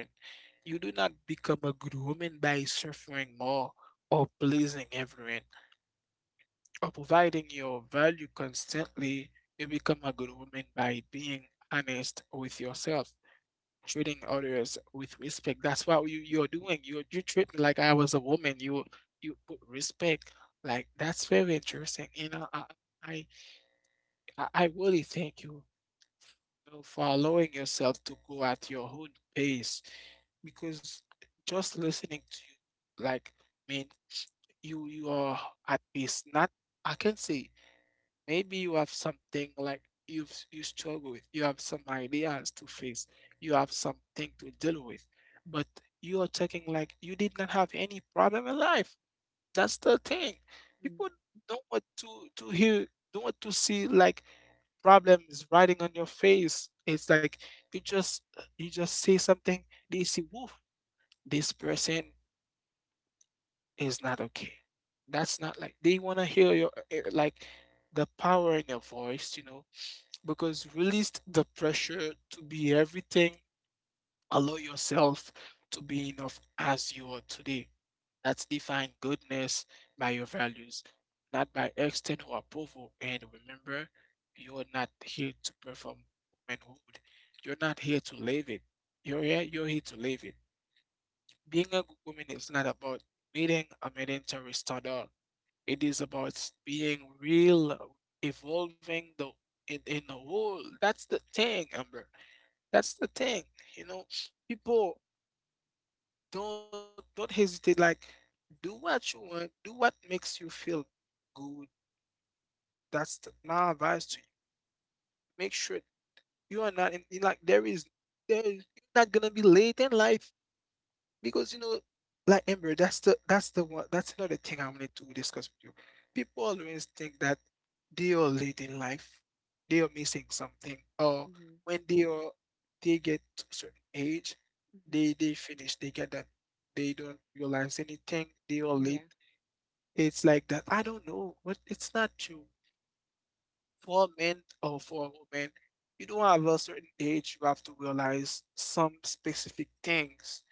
S1: You do not become a good woman by suffering more or pleasing everyone. By providing your value constantly, you become a good woman by being honest with yourself, treating others with respect. That's what you're doing. You treat me like I was a woman. You put respect. Like that's very interesting. You know, I, I really thank you, you know, for allowing yourself to go at your own pace, because just listening to you, like, I mean, you are at peace. Not I can say. Maybe you have something like you you struggle with. You have some ideas to face. You have something to deal with. But you are talking like you did not have any problem in life. That's the thing.
S2: Mm.
S1: People don't want to hear, don't want to see like problems riding on your face. It's like you just you just say something, they see, woof. This person is not okay. That's not like they want to hear your eh, like the power in your voice, you know, because release the pressure to be everything. Allow yourself to be enough as you are today. That's defined goodness by your values, not by external approval. And remember, you're not here to perform womanhood. You're not here to live it. You're here to live it. Being a good woman is not about meeting a mandatory standard. It is about being real, evolving the in the world. That's the thing, Amber. That's the thing, you know. People don't hesitate. Like, do what you want. Do what makes you feel good. That's my advice to you. Make sure you are not in, like there is there is you're not gonna be late in life. Because you know, like Amber, that's the one that's another thing I wanted to discuss with you. People always think that they are late in life, they are missing something, or
S2: Mm-hmm.
S1: when they are they get to a certain age,
S2: Mm-hmm.
S1: they finish, they get that they don't realize anything, they are
S2: Yeah.
S1: late. It's like that. I don't know, but it's not true. For men or for women, you don't have a certain age, you have to realize some specific things.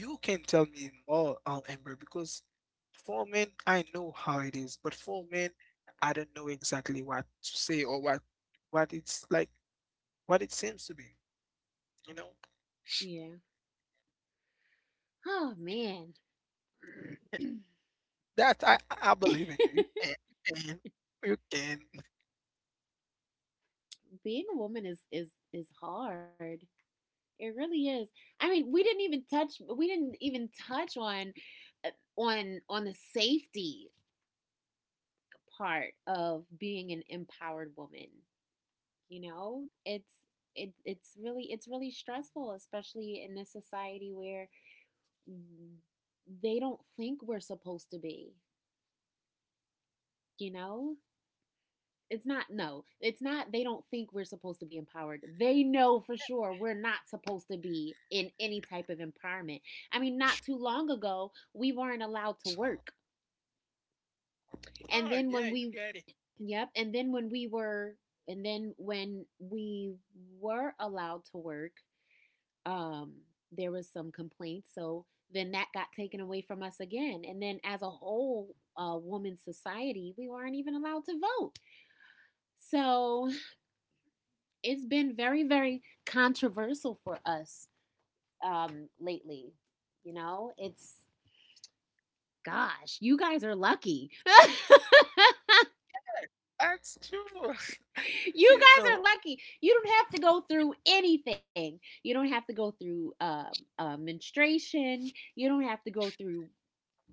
S1: You can tell me more, Amber, because for men I know how it is, but for men I don't know exactly what to say or what it's like, what it seems to be. You know,
S2: Yeah. Oh man,
S1: that I believe in you. You can, you can.
S2: being a woman is hard. It really is. I mean, we didn't even touch on eh, on the safety part of being an empowered woman, you know? It's really stressful, especially, in this society where mm, they don't think we're supposed to be, you know. It's not, no, it's not, they don't think we're supposed to be empowered. They know for sure we're not supposed to be in any type of empowerment. I mean, not too
S1: You
S2: long ago, we weren't allowed to
S1: can.
S2: work.
S1: Oh
S2: And
S1: yeah,
S2: then
S1: you
S2: when
S1: get
S2: we,
S1: it.
S2: yep, and then when we were, and then when we were allowed to work, um, there was some complaints. So then that got taken away from us again. And then as a whole woman society, we weren't even allowed to vote. So it's been very, very controversial for us lately. You know, it's, gosh, you guys are lucky.
S1: That's true.
S2: You
S1: You
S2: guys are
S1: know,
S2: lucky. You don't have to go through anything. You don't have to go through menstruation. You don't have to go through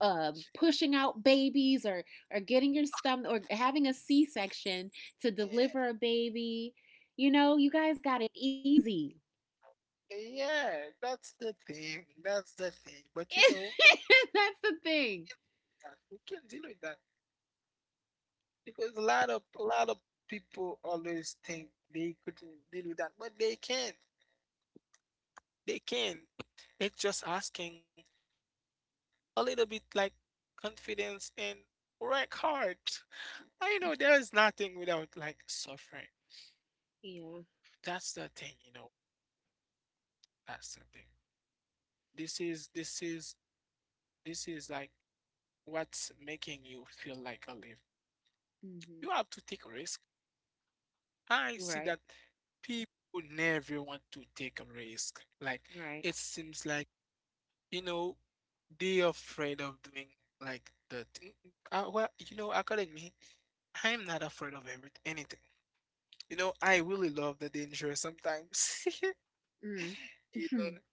S2: pushing out babies or getting your stomach or having a C section to
S1: eh,
S2: deliver a baby. You know, you guys got it easy.
S1: yeah, that's the thing. That's the thing. But you know,
S2: That's the
S1: we
S2: thing.
S1: can deal with that. We can deal with that. Because a lot of people always think they couldn't deal with that, but they can. They can. It's just asking a little bit like confidence and work hard. I know there is nothing without like suffering. That's
S2: Yeah.
S1: the thing, you know. That's the thing. This is this is like what's making you feel like alive. You have to
S2: Hmm.
S1: take a risk. I see that
S2: Right.
S1: people never want to take a risk. Like it
S2: Right.
S1: seems like You know, they're afraid of doing like the thing. According me, I'm not afraid of every anything. I really love the danger sometimes.
S2: Mm.
S1: You know,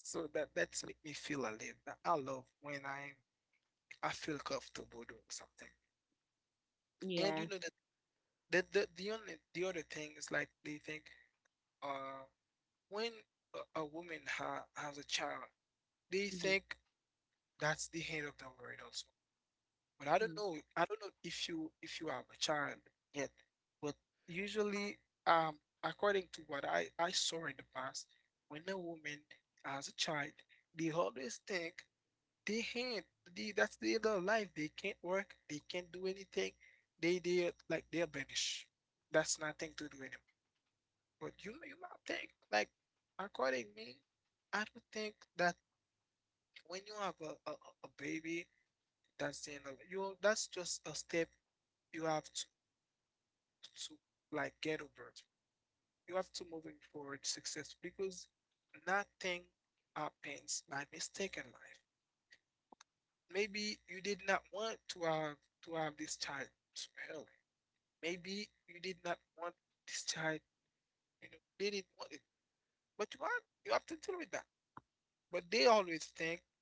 S1: so that's make me feel alive. That I love when I feel comfortable doing something. And
S2: Yeah.
S1: you know that the only the other thing is like they think uh when a woman ha has a child, they
S2: Hmm.
S1: think that's the end of the world also. But I
S2: Mm.
S1: don't know. I don't know if you have a child yet, but usually, according to what I saw in the past, when a woman has a child, they always think they can't. That's the end of life. They can't work. They can't do anything. They like they're banished. That's nothing to do anymore. But you might think like according me, I don't think that when you have a baby, that's the end of it. You. That's just a step you have to like get over it. You have to moving forward success because nothing happens by mistake in life. Maybe you did not want to have this child early. Maybe you did not want this child, you know, they didn't want it. But you have to deal with that. But they always think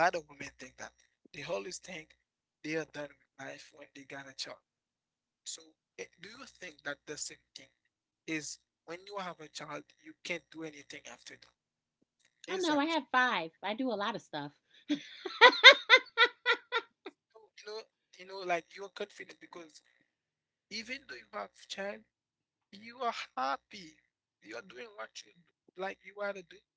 S1: a lot of women think that. They always think they are done with life when they got a child. So, do you think that the same thing is when you have a child, you can't do anything after that?
S2: I know.
S1: Is
S2: I
S1: that
S2: have five. I do a lot of stuff.
S1: true? Like you're confident because even though you have child, you are happy. You're doing what you like you want to do.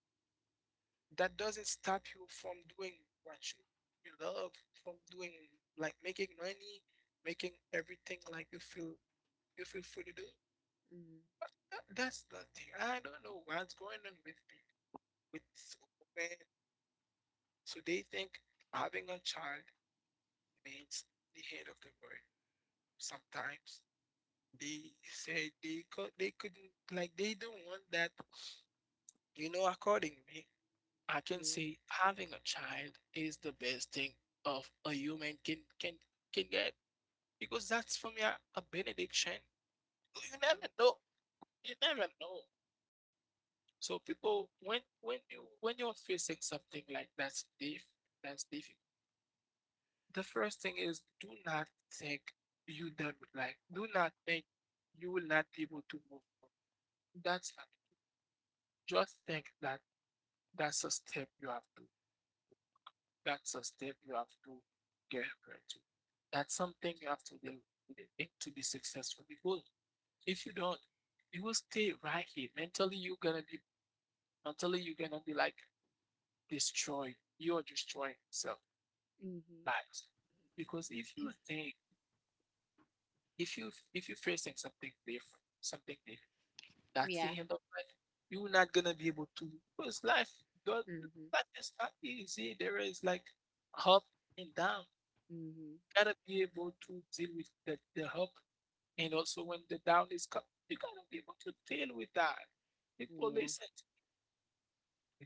S1: That doesn't stop you from doing what you love, from doing like making money, making everything like you feel free to do.
S2: Mm.
S1: That's the thing. I don't know what's going on with people with women. So they think having a child means the end of the world. Sometimes they say they couldn't like they don't want that. You know, according to me, I can
S2: Yeah.
S1: say having a child is the best thing of a human can can get because that's for me a benediction. You never know. You never know. So people, when you when you're facing something like that's difficult, the first thing is do not think you done with life. Do not think you will not be able to move on. That's not it. Just think that that's a step you have to. That's a step you have to get over to. That's something you have to do with it to be successful. Because if you don't, you will stay right here. Mentally, you're gonna be like destroyed. You're destroying yourself.
S2: Hmm.
S1: Lives. Because if you think If you if you're facing something different, that's
S2: Yeah.
S1: the end of life. You're not gonna be able to because life God
S2: Hmm.
S1: life is not easy. There is like up and down. You
S2: Hmm.
S1: gotta be able to deal with the up and also when the down is coming, you gotta be able to deal with that. People
S2: Yeah.
S1: listen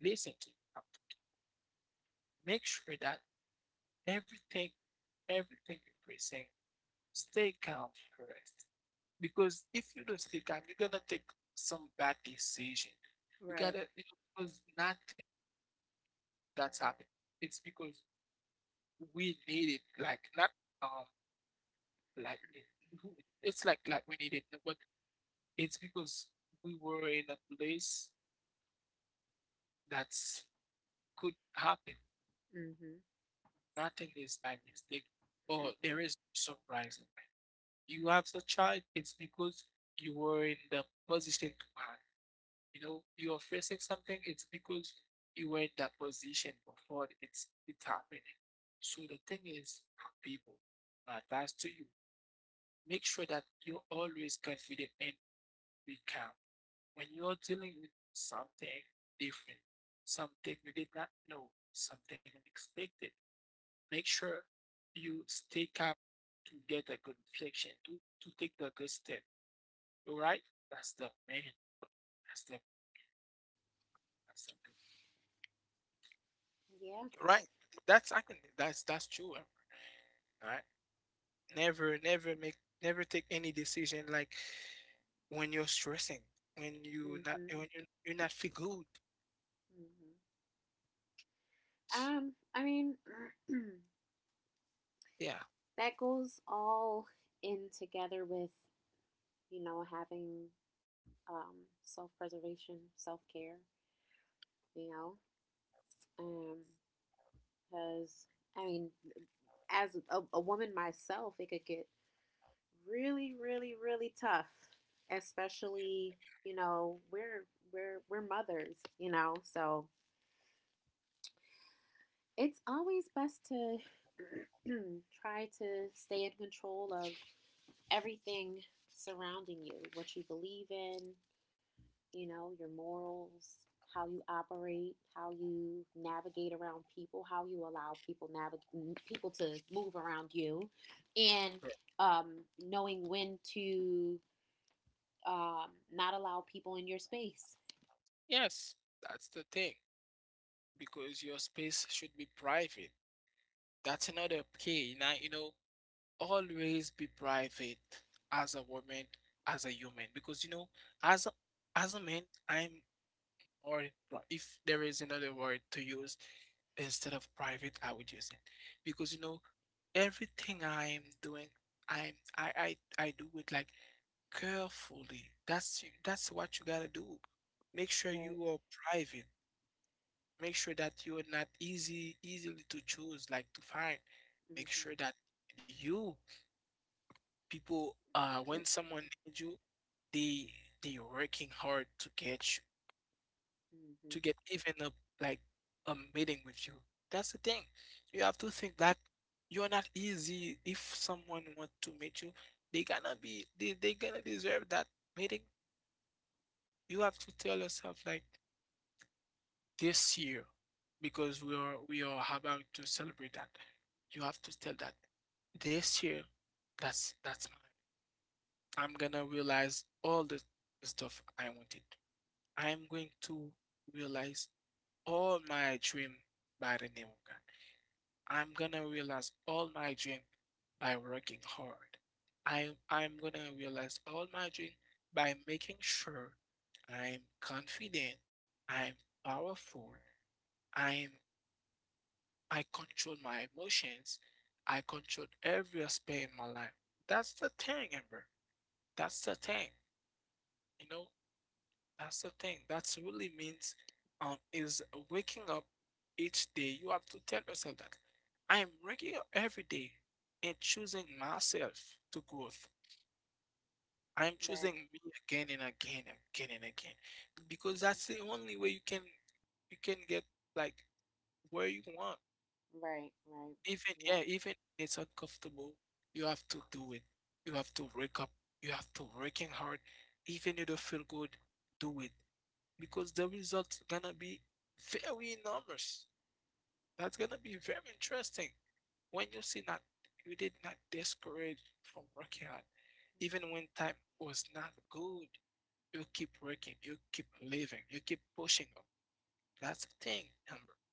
S1: to listen to you. Make sure that everything everything you're facing, stay calm first. Because if you don't stay calm, you're gonna take some bad decision. You
S2: Right.
S1: gotta, you know, because nothing that's happened. It's because we need it, like not um like it, it's like we need it, but it's because we were in a place that's could happen.
S2: Hmm.
S1: Nothing is by mistake, or there is no surprise in life. You have the child. It's because you were in the position to have. You know, you're facing something, it's because you were in that position before it's happening. So the thing is, people, my advice to you, make sure that you're always confident and be calm. When you're dealing with something different, something you did not know, something unexpected, make sure you stay calm to get a good reflection, to take the good step. All right? That's the man. That's the that's the good.
S2: Yeah.
S1: Right. That's I can that's true. All right, Never never make never take any decision like when you're stressing, when you
S2: Hmm.
S1: not when you're not feel good.
S2: Hmm. I mean,
S1: Yeah.
S2: that goes all in together with, you know, having self preservation, self care. You know, um, because I mean, as a woman myself, it could get really, really, really tough, especially, you know, we're we're mothers, you know, so it's always best to try to stay in control of everything surrounding you, what you believe in, you know, your morals, how you operate, how you navigate around people, how you allow people navigate people to move around you, and
S1: Sure.
S2: knowing when to um, not allow people in your space.
S1: Yes, that's the thing. Because your space should be private. That's another key. Now you know, always be private as a woman, as a human. Because you know, as a as a man, I'm. Or if there is another word to use instead of private, I would use it. Because you know, everything I'm doing, I do it like carefully. That's what you gotta do. Make sure
S2: Right.
S1: you are private. Make sure that you are not easy easily to choose, like to find. Make
S2: Mm-hmm.
S1: sure that you people when someone needs you, they they working hard to get
S2: Mm-hmm.
S1: even a like a meeting with you. That's the thing. You have to think that you're not easy. If someone want to meet you, they gonna deserve that meeting. You have to tell yourself like this year, because we are about to celebrate that. You have to tell that this year. That's my. I'm gonna realize all the stuff I wanted. I'm going to realize all my dream by the name of God. I'm gonna realize all my dream by working hard. I'm gonna realize all my dream by making sure I'm confident, I'm powerful, I'm I control my emotions, I control every aspect in my life. That's the thing, Amber. That's the thing. You know, that's the thing. That's really means is waking up each day. You have to tell yourself that I am waking up every day and choosing myself to growth. I am
S2: Right.
S1: choosing me again and again and again and again. Because that's the only way you can get like where you want.
S2: Yep. Right. Right.
S1: Even
S2: Yep.
S1: yeah, even it's uncomfortable, you have to do it. You have to wake up. You have to working hard. Even you don't feel good, do it, because the results gonna be very enormous. That's gonna be very interesting when you see that you did not discourage from working hard, even when time was not good. You keep working, you keep living, you keep pushing up. That's the thing, Amber.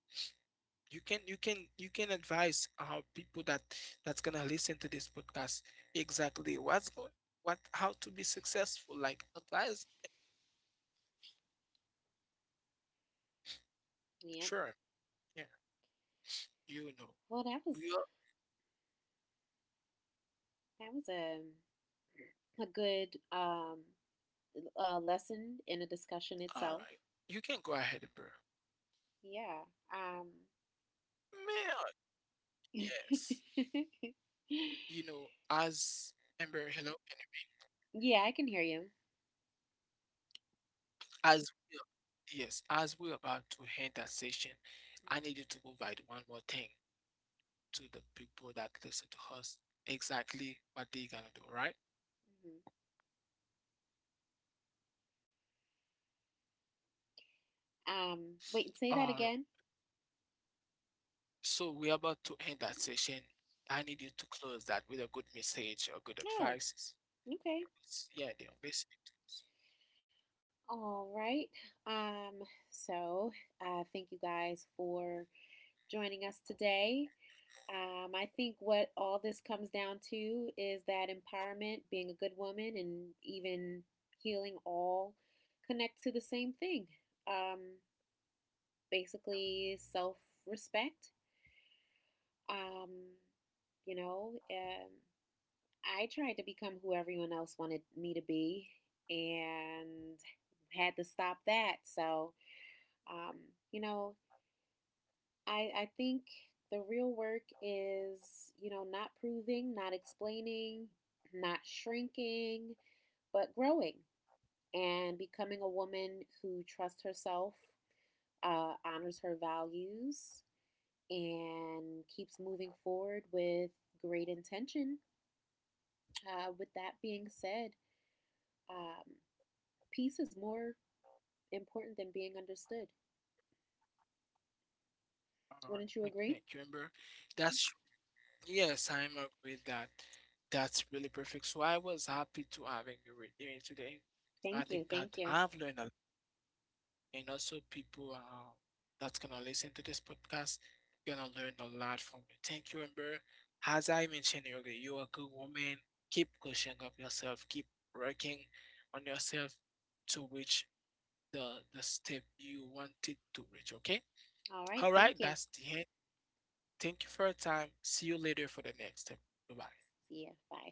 S1: You can advise our people that that's gonna listen to this podcast exactly what how to be successful. Like advise,
S2: Yep.
S1: sure, yeah, you know,
S2: Well, that was
S1: you yeah, quite.
S2: a good
S1: All right. You can go
S2: lesson
S1: ahead,
S2: in a
S1: Amber.
S2: discussion itself. Yeah.
S1: Man,
S2: Um,
S1: yes. You
S2: yeah,
S1: know, as Amber, hello.
S2: I can hear you.
S1: As yes, as we're about to end that session, I need you to provide one more thing to the people that listen to us exactly what they're gonna do, right?
S2: Mhm. Um,
S1: Uh,
S2: wait, say that again.
S1: so we're about to end that session. I need you to close that with a good message or good advice.
S2: Oh,
S1: Because,
S2: okay.
S1: yeah, they're listening.
S2: All right. Um, so thank you guys for joining us today. I think what all this comes down to is that empowerment, being a good woman, and even healing all connect to the same thing. Um, basically, self respect. Um, you know, I tried to become who everyone else wanted me to be and had to stop that. So, um, you know, I think the real work is, you know, not proving, not explaining, not shrinking, but growing and becoming a woman who trusts herself, honors her values, and keeps moving forward with great intention. With that being said, um, peace is more important than being understood.
S1: All right. Thank
S2: Wouldn't you
S1: you,
S2: agree?
S1: Amber. That's. Yes, I'm agree with that. That's really perfect. So I was happy to having you with me today. I think
S2: Thank you.
S1: that
S2: Thank
S1: I've
S2: you.
S1: learned a lot, and also people that's gonna listen to this podcast gonna learn a lot from you. Thank you, Amber. As I mentioned earlier, you're a good woman. Keep pushing up yourself. Keep working on yourself to reach the step you wanted to reach. Okay.
S2: All
S1: All
S2: right.
S1: right.
S2: Thank
S1: That's
S2: you.
S1: the end. Thank you for your time. See you later for the next step. Bye bye.
S2: See you. Bye.